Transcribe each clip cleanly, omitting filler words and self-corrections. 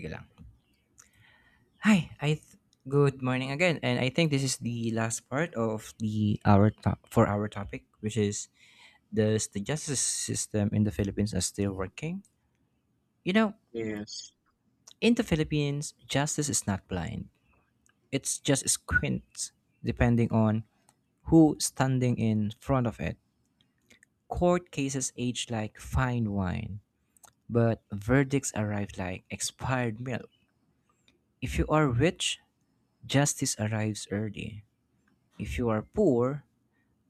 Sige lang. Hi, good morning again, and I think this is the last part of for our topic, which is, does the justice system in the Philippines are still working? You know, Yes. in the Philippines, justice is not blind; it's just squint, depending on who standing in front of it. Court cases age like fine wine, but verdicts arrive like expired milk. If you are rich, justice arrives early. If you are poor,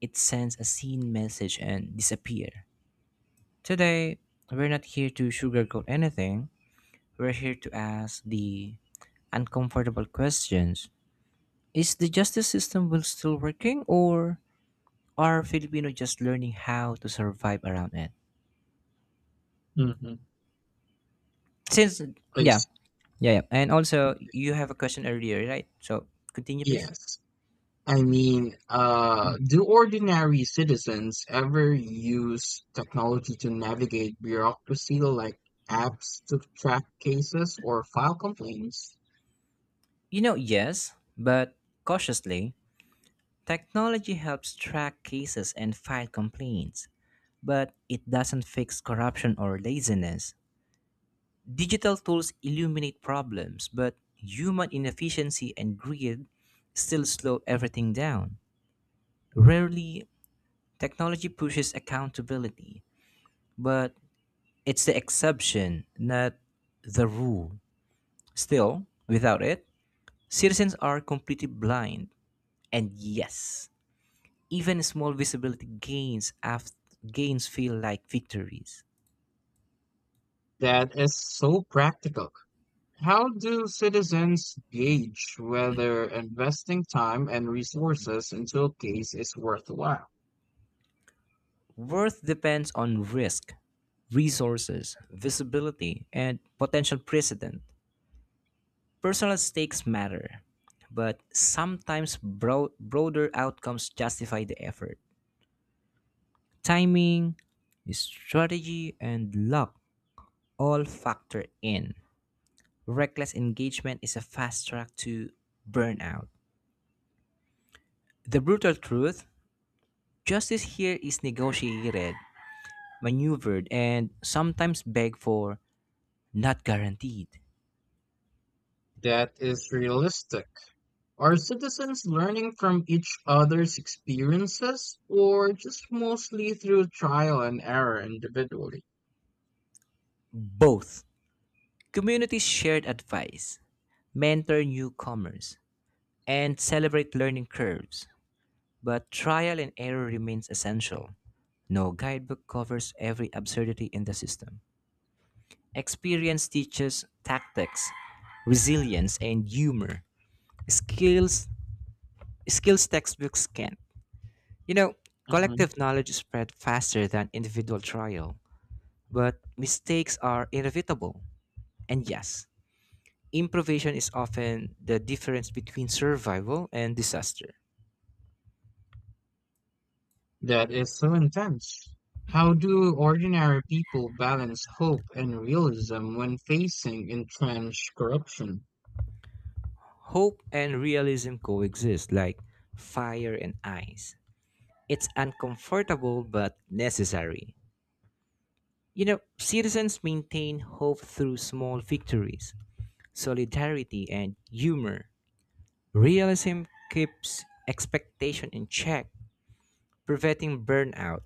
it sends a scene message and disappear. Today, we're not here to sugarcoat anything. We're here to ask the uncomfortable questions. Is the justice system will still working, or are Filipino just learning how to survive around it? Mhm. Since Yeah, Please. yeah, yeah. And also you have a question earlier, right? So continue please. Yes. I mean, do ordinary citizens ever use technology to navigate bureaucracy like apps to track cases or file complaints? You know, yes, but cautiously. Technology helps track cases and file complaints, but it doesn't fix corruption or laziness. Digital tools illuminate problems, but human inefficiency and greed still slow everything down. Rarely, technology pushes accountability, but it's the exception, not the rule. Still, without it, citizens are completely blind. And yes, even small visibility gains gains feel like victories. That is so practical. How do citizens gauge whether investing time and resources into a case is worthwhile? Worth depends on risk, resources, visibility, and potential precedent. Personal stakes matter, but sometimes broader outcomes justify the effort. Timing, strategy, and luck all factor in. Reckless engagement is a fast track to burnout. The brutal truth: justice here is negotiated, maneuvered, and sometimes begged for, not guaranteed. That is realistic. Are citizens learning from each other's experiences or just mostly through trial and error individually? Both communities shared advice, mentor newcomers, and celebrate learning curves. But trial and error remains essential. No guidebook covers every absurdity in the system. Experience teaches tactics, resilience, and humor. Skills skills textbooks can't. You know, Mhm. collective knowledge spread faster than individual trial, but mistakes are inevitable. And yes, improvisation is often the difference between survival and disaster. That is so intense. How do ordinary people balance hope and realism when facing entrenched corruption? Hope and realism coexist like fire and ice. It's uncomfortable but necessary. You know, citizens maintain hope through small victories, solidarity, and humor. Realism keeps expectation in check, preventing burnout.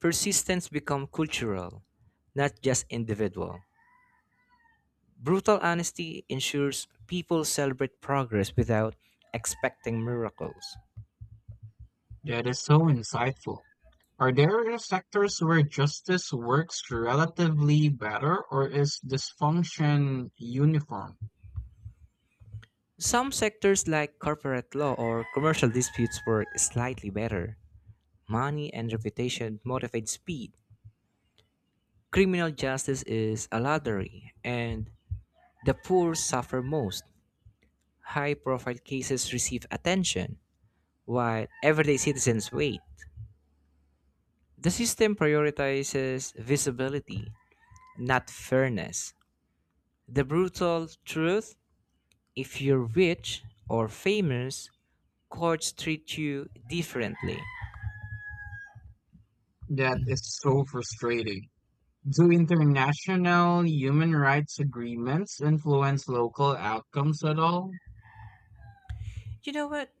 Persistence becomes cultural, not just individual. Brutal honesty ensures people celebrate progress without expecting miracles. That is so insightful. Are there sectors where justice works relatively better or is dysfunction uniform? Some sectors, like corporate law or commercial disputes, work slightly better. Money and reputation motivate speed. Criminal justice is a lottery, and the poor suffer most. High profile cases receive attention, while everyday citizens wait. The system prioritizes visibility, not fairness. The brutal truth: if you're rich or famous, courts treat you differently. That is so frustrating. Do international human rights agreements influence local outcomes at all? You know what?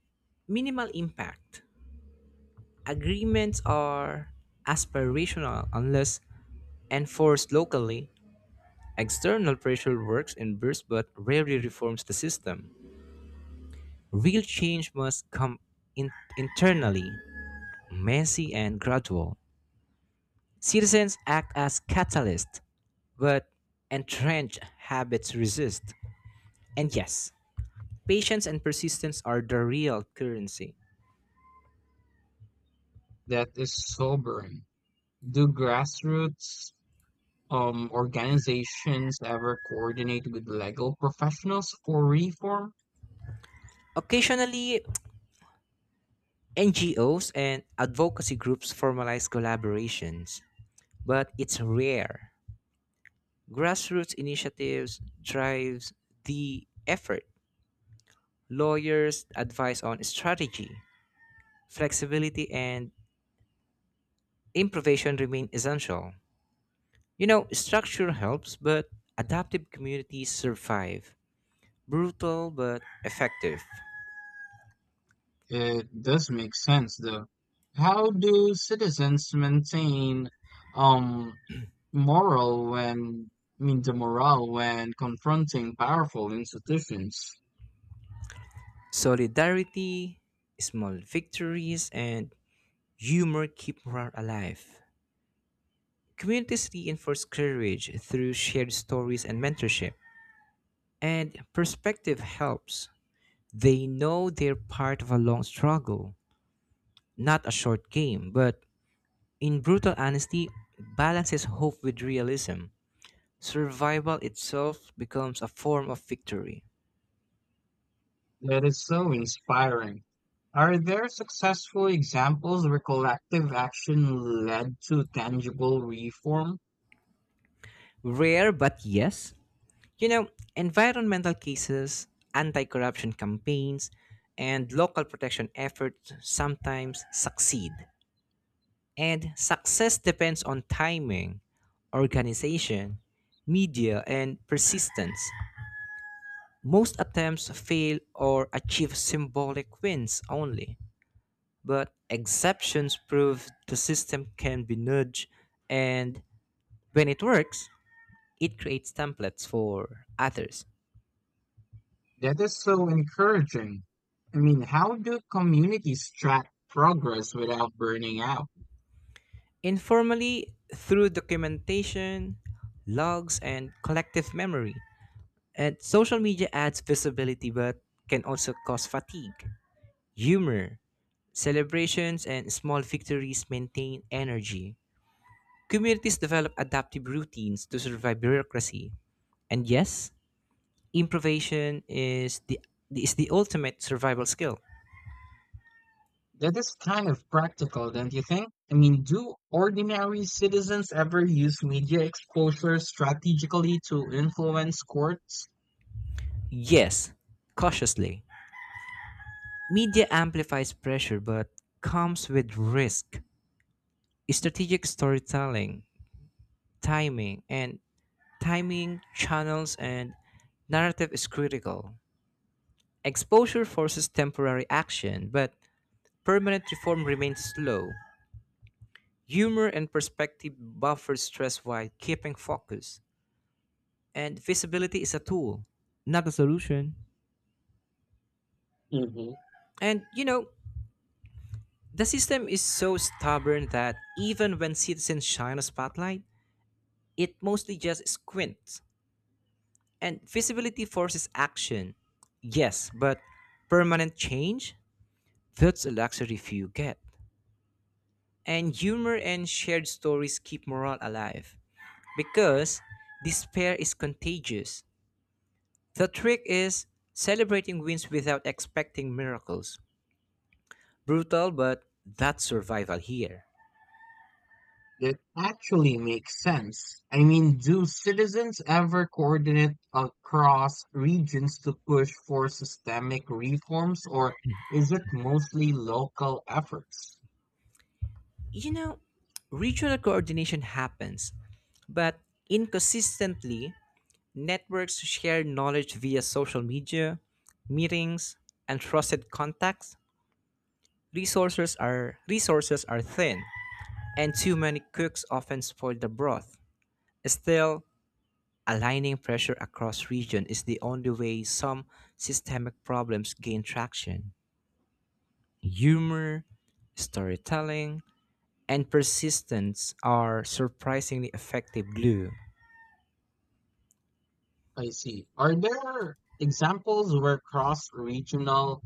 Minimal impact. Agreements are aspirational unless enforced locally. External pressure works in bursts but rarely reforms the system. Real change must come in- internally, messy and gradual. Citizens act as catalysts, but entrenched habits resist. And yes, patience and persistence are the real currency. That is sobering. Do grassroots organizations ever coordinate with legal professionals for reform? Occasionally, NGOs and advocacy groups formalize collaborations, but it's rare. Grassroots initiatives drives the effort. Lawyers advise on strategy, flexibility, and improvisation remain essential. You know, structure helps, but adaptive communities survive. Brutal but effective. It does make sense, though. How do citizens maintain um, moral I mean, the morale when confronting powerful institutions? Solidarity, small victories, and humor keep morale alive. Communities reinforce courage through shared stories and mentorship, and perspective helps. They know they're part of a long struggle, not a short game, but in brutal honesty, balances hope with realism. Survival itself becomes a form of victory. That is so inspiring. Are there successful examples where collective action led to tangible reform? Rare, but yes. You know, environmental cases, anti corruption campaigns, and local protection efforts sometimes succeed. And success depends on timing, organization, media, and persistence. Most attempts fail or achieve symbolic wins only, but exceptions prove the system can be nudged, and when it works, it creates templates for others. That is so encouraging. I mean, how do communities track progress without burning out? Informally through documentation, logs, and collective memory. And social media adds visibility but can also cause fatigue. Humor, celebrations, and small victories maintain energy. Communities develop adaptive routines to survive bureaucracy. And yes, improvisation is the ultimate survival skill. That is kind of practical, don't you think? I mean, do ordinary citizens ever use media exposure strategically to influence courts? Yes, cautiously. Media amplifies pressure but comes with risk. Strategic storytelling, timing, and timing channels and narrative is critical. Exposure forces temporary action, but permanent reform remains slow. Humor and perspective buffer stress while keeping focus. And visibility is a tool, not a solution. Mhm. And you know, the system is so stubborn that even when citizens shine a spotlight, it mostly just squints. And visibility forces action. Yes, but permanent change? That's a luxury few get. And humor and shared stories keep morale alive because despair is contagious. The trick is celebrating wins without expecting miracles. Brutal, but that's survival here. That actually makes sense. I mean, do citizens ever coordinate across regions to push for systemic reforms, or is it mostly local efforts? You know, regional coordination happens, but inconsistently. Networks share knowledge via social media, meetings, and trusted contacts. Resources are thin, and too many cooks often spoil the broth. Still, aligning pressure across region is the only way some systemic problems gain traction. Humor, storytelling, and persistence are surprisingly effective glue. I see. Are there examples where cross-regional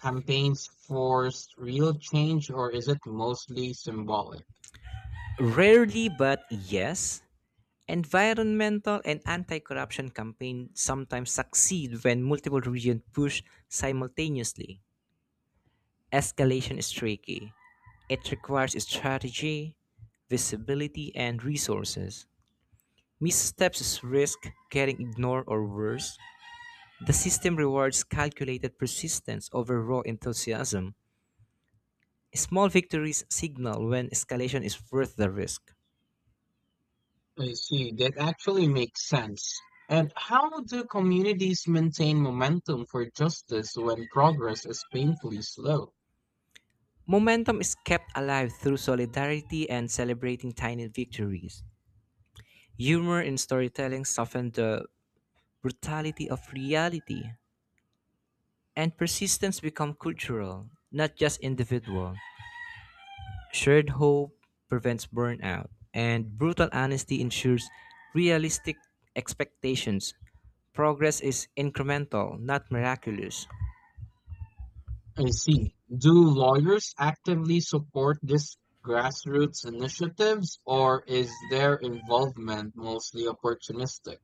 campaigns forced real change, or is it mostly symbolic? Rarely, but yes. Environmental and anti corruption campaigns sometimes succeed when multiple regions push simultaneously. Escalation is tricky, it requires strategy, visibility, and resources. Missteps risk getting ignored or worse. The system rewards calculated persistence over raw enthusiasm. Small victories signal when escalation is worth the risk. I see. That actually makes sense. And how do communities maintain momentum for justice when progress is painfully slow? Momentum is kept alive through solidarity and celebrating tiny victories. Humor in storytelling softened the brutality of reality, and persistence become cultural, not just individual. Shared hope prevents burnout, and brutal honesty ensures realistic expectations. Progress is incremental, not miraculous. I see. Do lawyers actively support these grassroots initiatives, or is their involvement mostly opportunistic?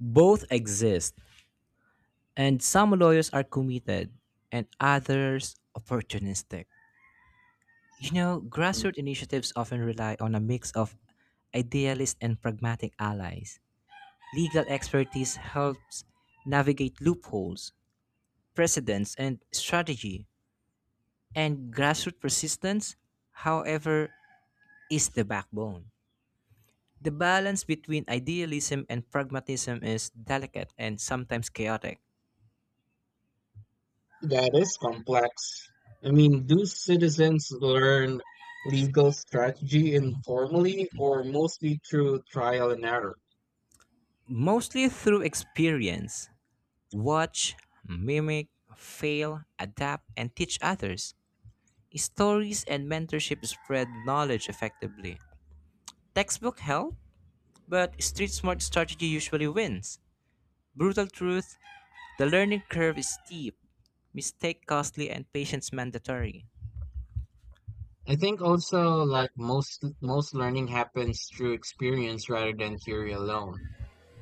Both exist, and some lawyers are committed, and others opportunistic. You know, Mm, grassroots initiatives often rely on a mix of idealist and pragmatic allies. Legal expertise helps navigate loopholes, precedents, and strategy. And grassroots persistence, however, is the backbone. The balance between idealism and pragmatism is delicate and sometimes chaotic, That is complex. I mean, do citizens learn legal strategy informally or mostly through trial and error? mostly through experience. Watch, mimic, fail, adapt, and teach others. Stories and mentorship spread knowledge effectively. Textbook help, but street smart strategy usually wins. Brutal truth, the learning curve is steep, mistake costly and patience mandatory. I think also, like, most learning happens through experience rather than theory alone.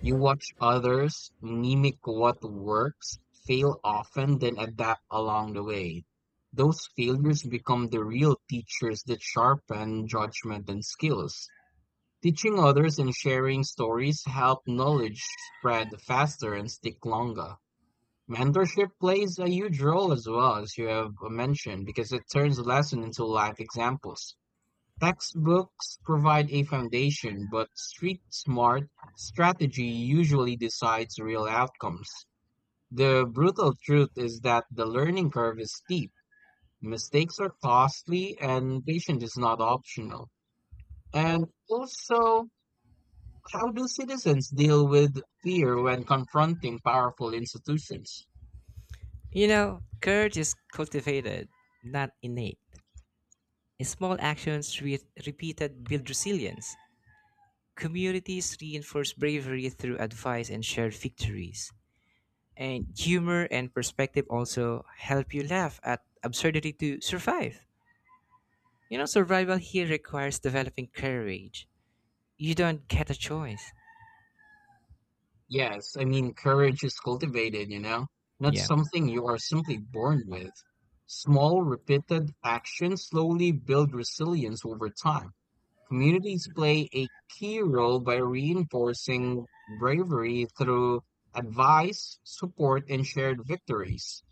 You watch others, mimic what works, fail often, then adapt along the way. Those failures become the real teachers that sharpen judgment and skills. Teaching others and sharing stories help knowledge spread faster and stick longer. Mentorship plays a huge role as well, as you have mentioned, because it turns lesson into life examples. Textbooks provide a foundation, but street smart strategy usually decides real outcomes. The brutal truth is that the learning curve is steep, mistakes are costly, and patience is not optional. And also, how do citizens deal with fear when confronting powerful institutions? You know, courage is cultivated, not innate. Small actions with repeated build resilience. Communities reinforce bravery through advice and shared victories. And humor and perspective also help you laugh at absurdity to survive. You know, survival here requires developing courage. You don't get a choice. Yes, I mean, courage is cultivated, not Yeah. something you are simply born with. Small, repeated actions slowly build resilience over time. Communities play a key role by reinforcing bravery through advice, support, and shared victories.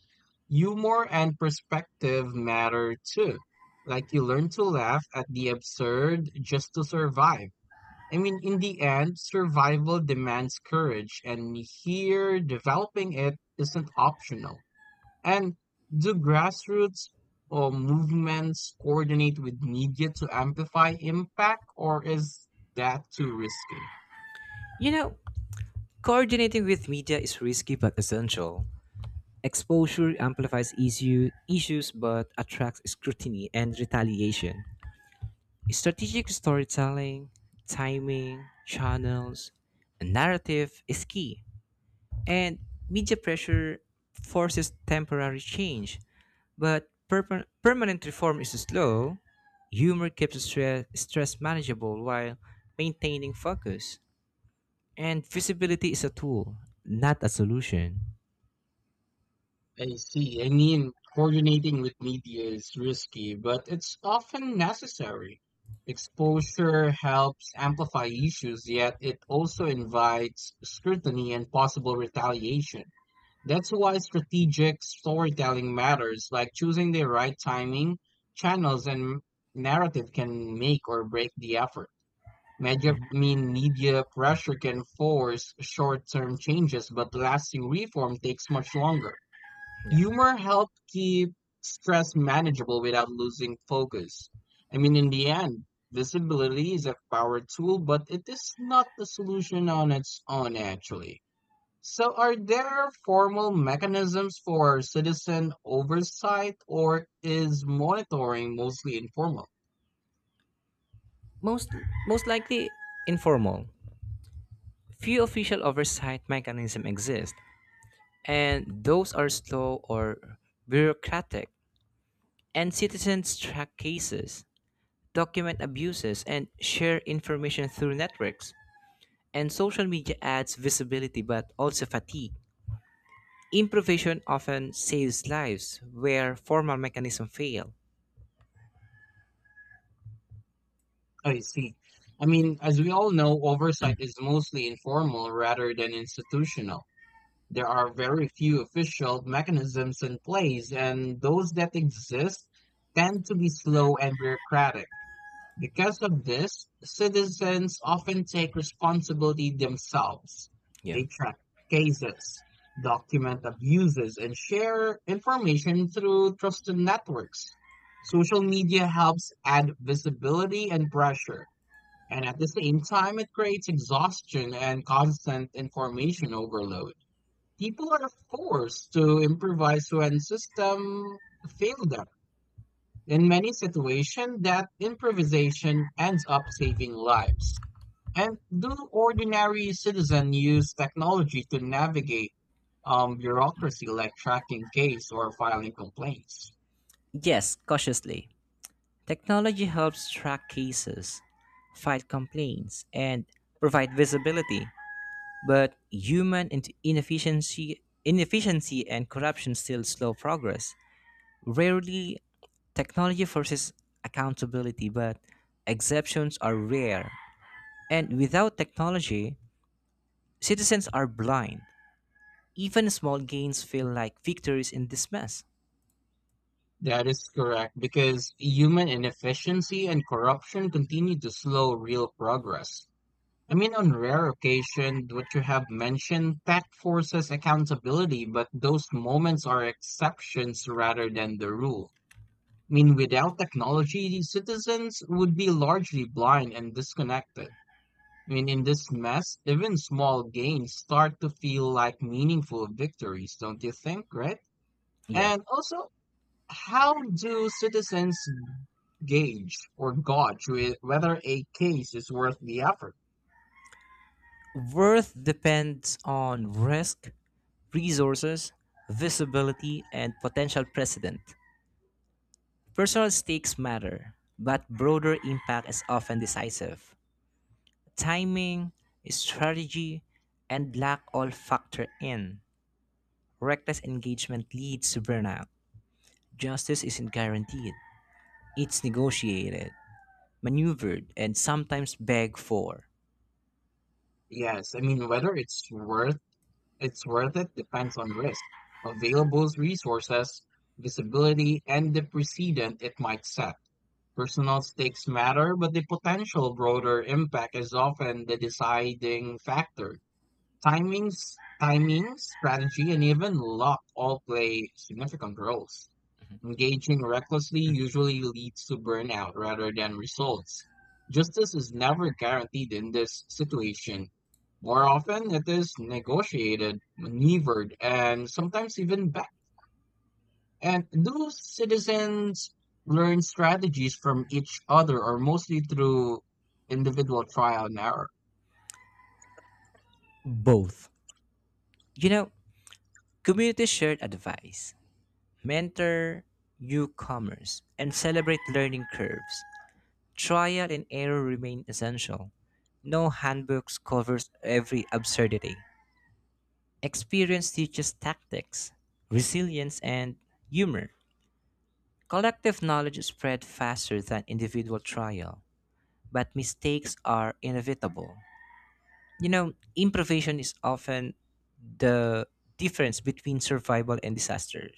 Humor and perspective matter too. Like, you learn to laugh at the absurd just to survive. I mean, in the end, survival demands courage, and here developing it isn't optional. And do grassroots or movements coordinate with media to amplify impact, or is that too risky? You know, coordinating with media is risky but essential. Exposure amplifies issues but attracts scrutiny and retaliation. Strategic storytelling, timing, channels, and narrative is key. And media pressure forces temporary change, but permanent reform is slow. Humor keeps stress manageable while maintaining focus. And visibility is a tool, not a solution. I see. I mean, coordinating with media is risky, but it's often necessary. Exposure helps amplify issues, yet it also invites scrutiny and possible retaliation. That's why strategic storytelling matters, like choosing the right timing, channels, and narrative can make or break the effort. Mhm. I mean, media pressure can force short-term changes, but lasting reform takes much longer. Yeah. Humor helps keep stress manageable without losing focus. I mean, in the end, visibility is a power tool, but it is not the solution on its own, actually. So are there formal mechanisms for citizen oversight, or is monitoring mostly informal? Most, most likely informal. Few official oversight mechanisms exist, and those are slow or bureaucratic. And citizens track cases, document abuses, and share information through networks. And social media adds visibility but also fatigue. Improvisation often saves lives where formal mechanisms fail. I see. I mean, as we all know, oversight is mostly informal rather than institutional. There are very few official mechanisms in place, and those that exist tend to be slow and bureaucratic. Because of this, citizens often take responsibility themselves. Yeah. They track cases, document abuses, and share information through trusted networks. Social media helps add visibility and pressure, and at the same time, it creates exhaustion and constant information overload. People are forced to improvise when system fail them. In many situations, that improvisation ends up saving lives. And do ordinary citizens use technology to navigate bureaucracy like tracking case or filing complaints? Yes, cautiously. Technology helps track cases, fight complaints, and provide visibility, but human inefficiency and corruption still slow progress. Rarely, technology forces accountability, but exceptions are rare. And without technology, citizens are blind. Even small gains feel like victories in this mess. That is correct, because human inefficiency and corruption continue to slow real progress. I mean, on rare occasion, what you have mentioned, tech forces accountability, but those moments are exceptions rather than the rule. I mean, without technology, the citizens would be largely blind and disconnected. I mean, in this mess, even small gains start to feel like meaningful victories, don't you think, right? Yeah. And also, how do citizens gauge or gauge whe- whether a case is worth the effort? Worth depends on risk, resources, visibility, and potential precedent. Personal stakes matter, but broader impact is often decisive. Timing, strategy, and luck all factor in. Reckless engagement leads to burnout. Justice isn't guaranteed, it's negotiated, maneuvered, and sometimes begged for. Yes, I mean, whether it's worth it's worth it depends on risk, available resources, visibility, and the precedent it might set. Personal stakes matter, but the potential broader impact is often the deciding factor. Timing, strategy, and even luck all play significant roles. Engaging recklessly usually leads to burnout rather than results. Justice is never guaranteed in this situation. More often, it is negotiated, maneuvered, and sometimes even back. And do citizens learn strategies from each other or mostly through individual trial and error? Both. You know, community shared advice, mentor newcomers, and celebrate learning curves. Trial and error remain essential. No handbooks covers every absurdity. Experience teaches tactics, resilience, and humor. Collective knowledge is spread faster than individual trial, but mistakes are inevitable. You know, improvisation is often the difference between survival and disaster.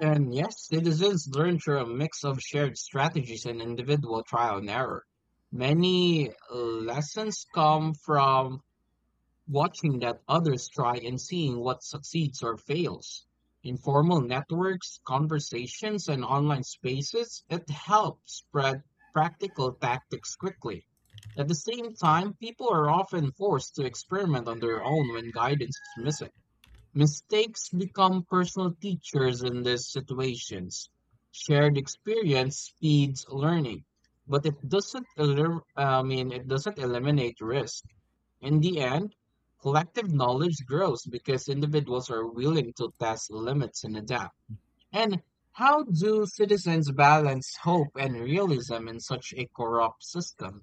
And yes, citizens learn through a mix of shared strategies and individual trial and error. Many lessons come from watching that others try and seeing what succeeds or fails. Informal networks, conversations, and online spaces, it helps spread practical tactics quickly. At the same time, people are often forced to experiment on their own when guidance is missing. Mistakes become personal teachers in these situations. Shared experience speeds learning, but it doesn't elim- I mean, it doesn't eliminate risk. In the end, collective knowledge grows because individuals are willing to test limits and adapt. And how do citizens balance hope and realism in such a corrupt system?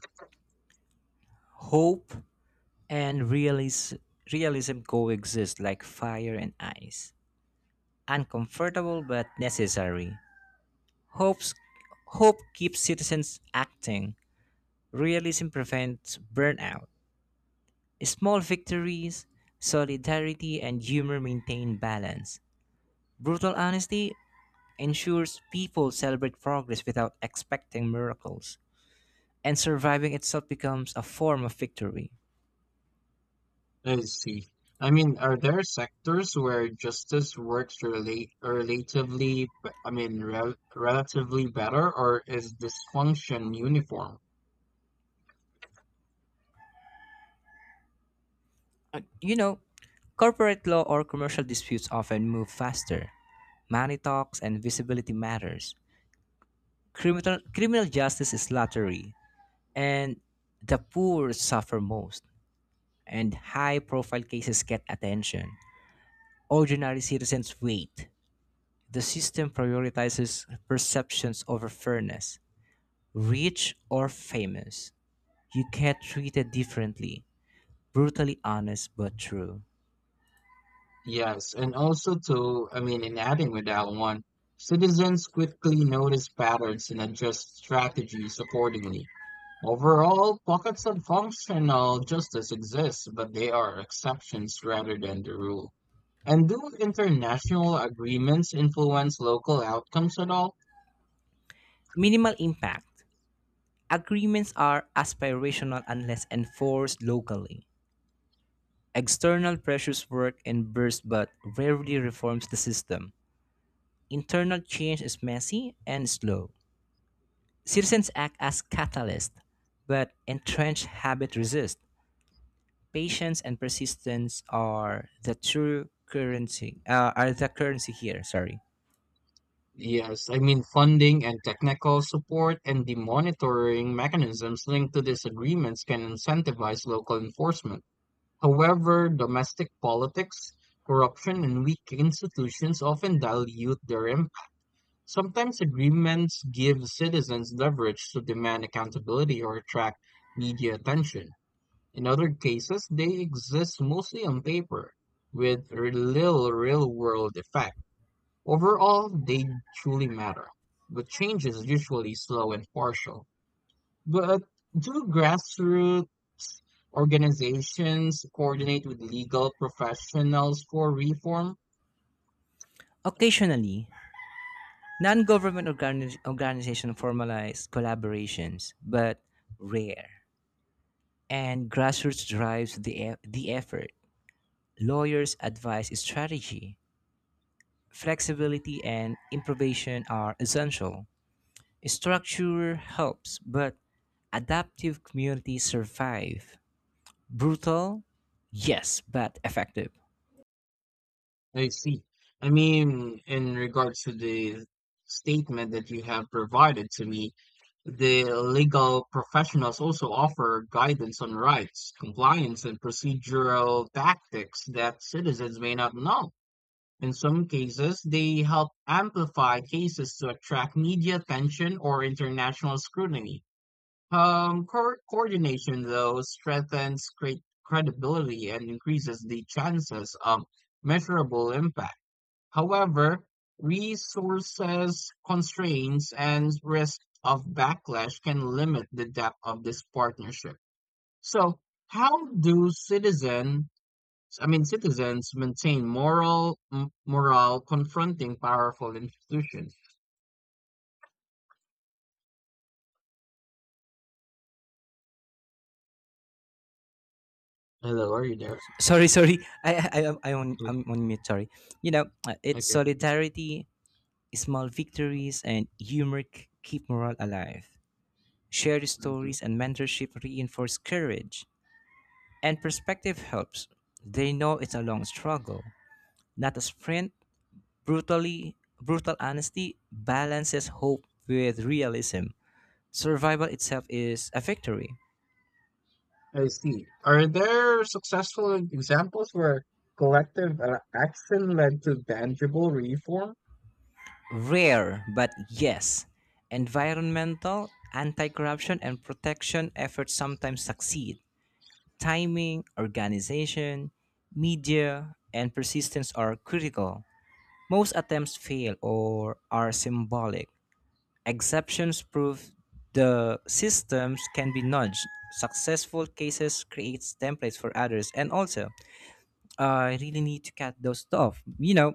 Hope and realism coexist like fire and ice. Uncomfortable but necessary. Hope's, hope keeps citizens acting. Realism prevents burnout. Small victories, solidarity, and humor maintain balance. Brutal honesty ensures people celebrate progress without expecting miracles. And surviving itself becomes a form of victory. I see. I mean, are there sectors where justice works I mean, relatively better, or is dysfunction uniform? You know, corporate law or commercial disputes often move faster. Money talks and visibility matters. Criminal justice is lottery, and the poor suffer most, and high profile cases get attention. Ordinary citizens wait. The system prioritizes perceptions over fairness. Rich or famous, you get treated differently. Brutally honest but true. Yes, and also to, I mean, in adding with that one, citizens quickly notice patterns and adjust strategies accordingly. Overall, pockets of functional justice exist, but they are exceptions rather than the rule. And do international agreements influence local outcomes at all? Minimal impact. Agreements are aspirational unless enforced locally. External pressures work in bursts but rarely reforms the system. Internal change is messy and slow. Citizens act as catalysts, but entrenched habit resist. Patience and persistence are the true currency. Are the currency here? Sorry. Yes, I mean, funding and technical support and the monitoring mechanisms linked to these agreements can incentivize local enforcement. However, domestic politics, corruption, and weak institutions often dilute their impact. Sometimes agreements give citizens leverage to demand accountability or attract media attention. In other cases, they exist mostly on paper with little real-world effect. Overall, they truly matter, but change is usually slow and partial. But do grassroots organizations coordinate with legal professionals for reform? Occasionally, non-government organizations formalize collaborations, but rare. And grassroots drives the effort. Lawyers advise strategy. Flexibility and improvisation are essential. Structure helps, but adaptive communities survive. Brutal? Yes, but effective. I see. I mean, in regards to the statement that you have provided to me, the legal professionals also offer guidance on rights, compliance, and procedural tactics that citizens may not know. In some cases, they help amplify cases to attract media attention or international scrutiny. Coordination, though, strengthens credibility and increases the chances of measurable impact. However, resources, constraints, and risk of backlash can limit the depth of this partnership. So, how do citizen I mean, citizens maintain morale confronting powerful institutions. Hello, are you there? Sorry, sorry. I, I, I'm, I'm, on, Oh. I'm on mute, sorry. You know, it's Okay. solidarity, small victories, and humor keep morale alive. Shared Mhm. stories and mentorship reinforce courage, and perspective helps. They know it's a long struggle, not a sprint. Brutal honesty balances hope with realism. Survival itself is a victory. I see. Are there successful examples where collective action led to tangible reform? Rare, but yes. Environmental, anti corruption, and protection efforts sometimes succeed. Timing, organization, media, and persistence are critical. Most attempts fail or are symbolic. Exceptions prove the systems can be nudged. Successful cases creates templates for others. And also, I really need to cut those off. You know,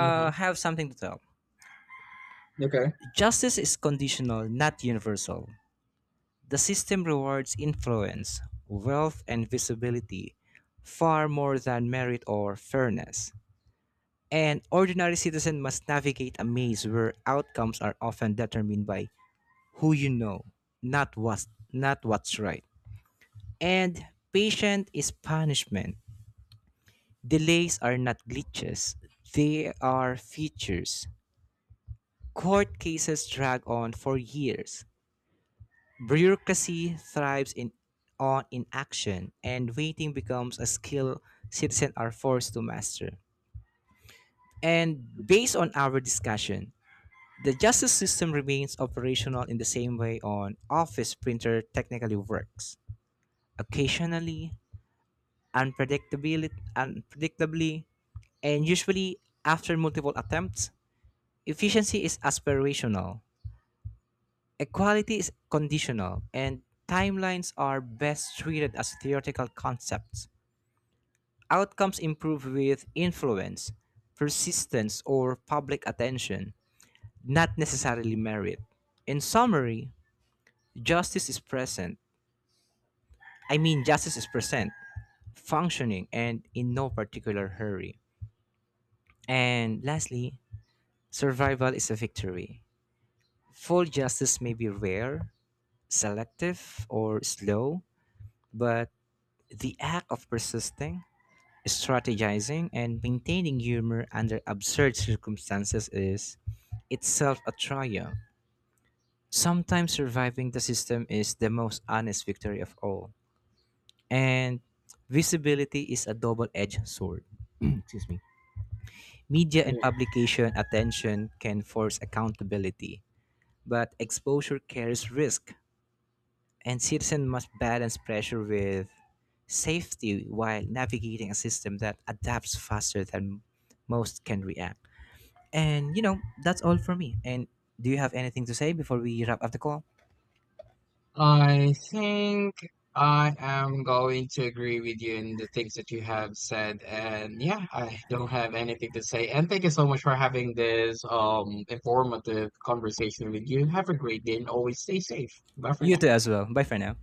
Mm-hmm. have something to tell. Okay. Justice is conditional, not universal. The system rewards influence, wealth, and visibility far more than merit or fairness. An ordinary citizen must navigate a maze where outcomes are often determined by who you know, not what's right. And patient is punishment. Delays are not glitches, they are features. Court cases drag on for years. Bureaucracy thrives in, on inaction, and waiting becomes a skill citizens are forced to master. And based on our discussion, the justice system remains operational in the same way an office printer technically works. Occasionally, unpredictably, and usually after multiple attempts. Efficiency is aspirational, equality is conditional, and timelines are best treated as theoretical concepts. Outcomes improve with influence, persistence, or public attention, not necessarily merit. In summary, justice is present. I mean, justice is present, functioning, and in no particular hurry. And lastly, survival is a victory. Full justice may be rare, selective, or slow, but the act of persisting, strategizing, and maintaining humor under absurd circumstances is itself a triumph. Sometimes surviving the system is the most honest victory of all. And visibility is a double edged sword. Excuse me. Media and publication attention can force accountability, but exposure carries risk, and citizens must balance pressure with safety while navigating a system that adapts faster than most can react. And you know, that's all for me. And do you have anything to say before we wrap up the call? I think I am going to agree with you in the things that you have said. And yeah, I don't have anything to say. And thank you so much for having this informative conversation with you. Have a great day and always stay safe. Bye for You now. too as well. Bye for now.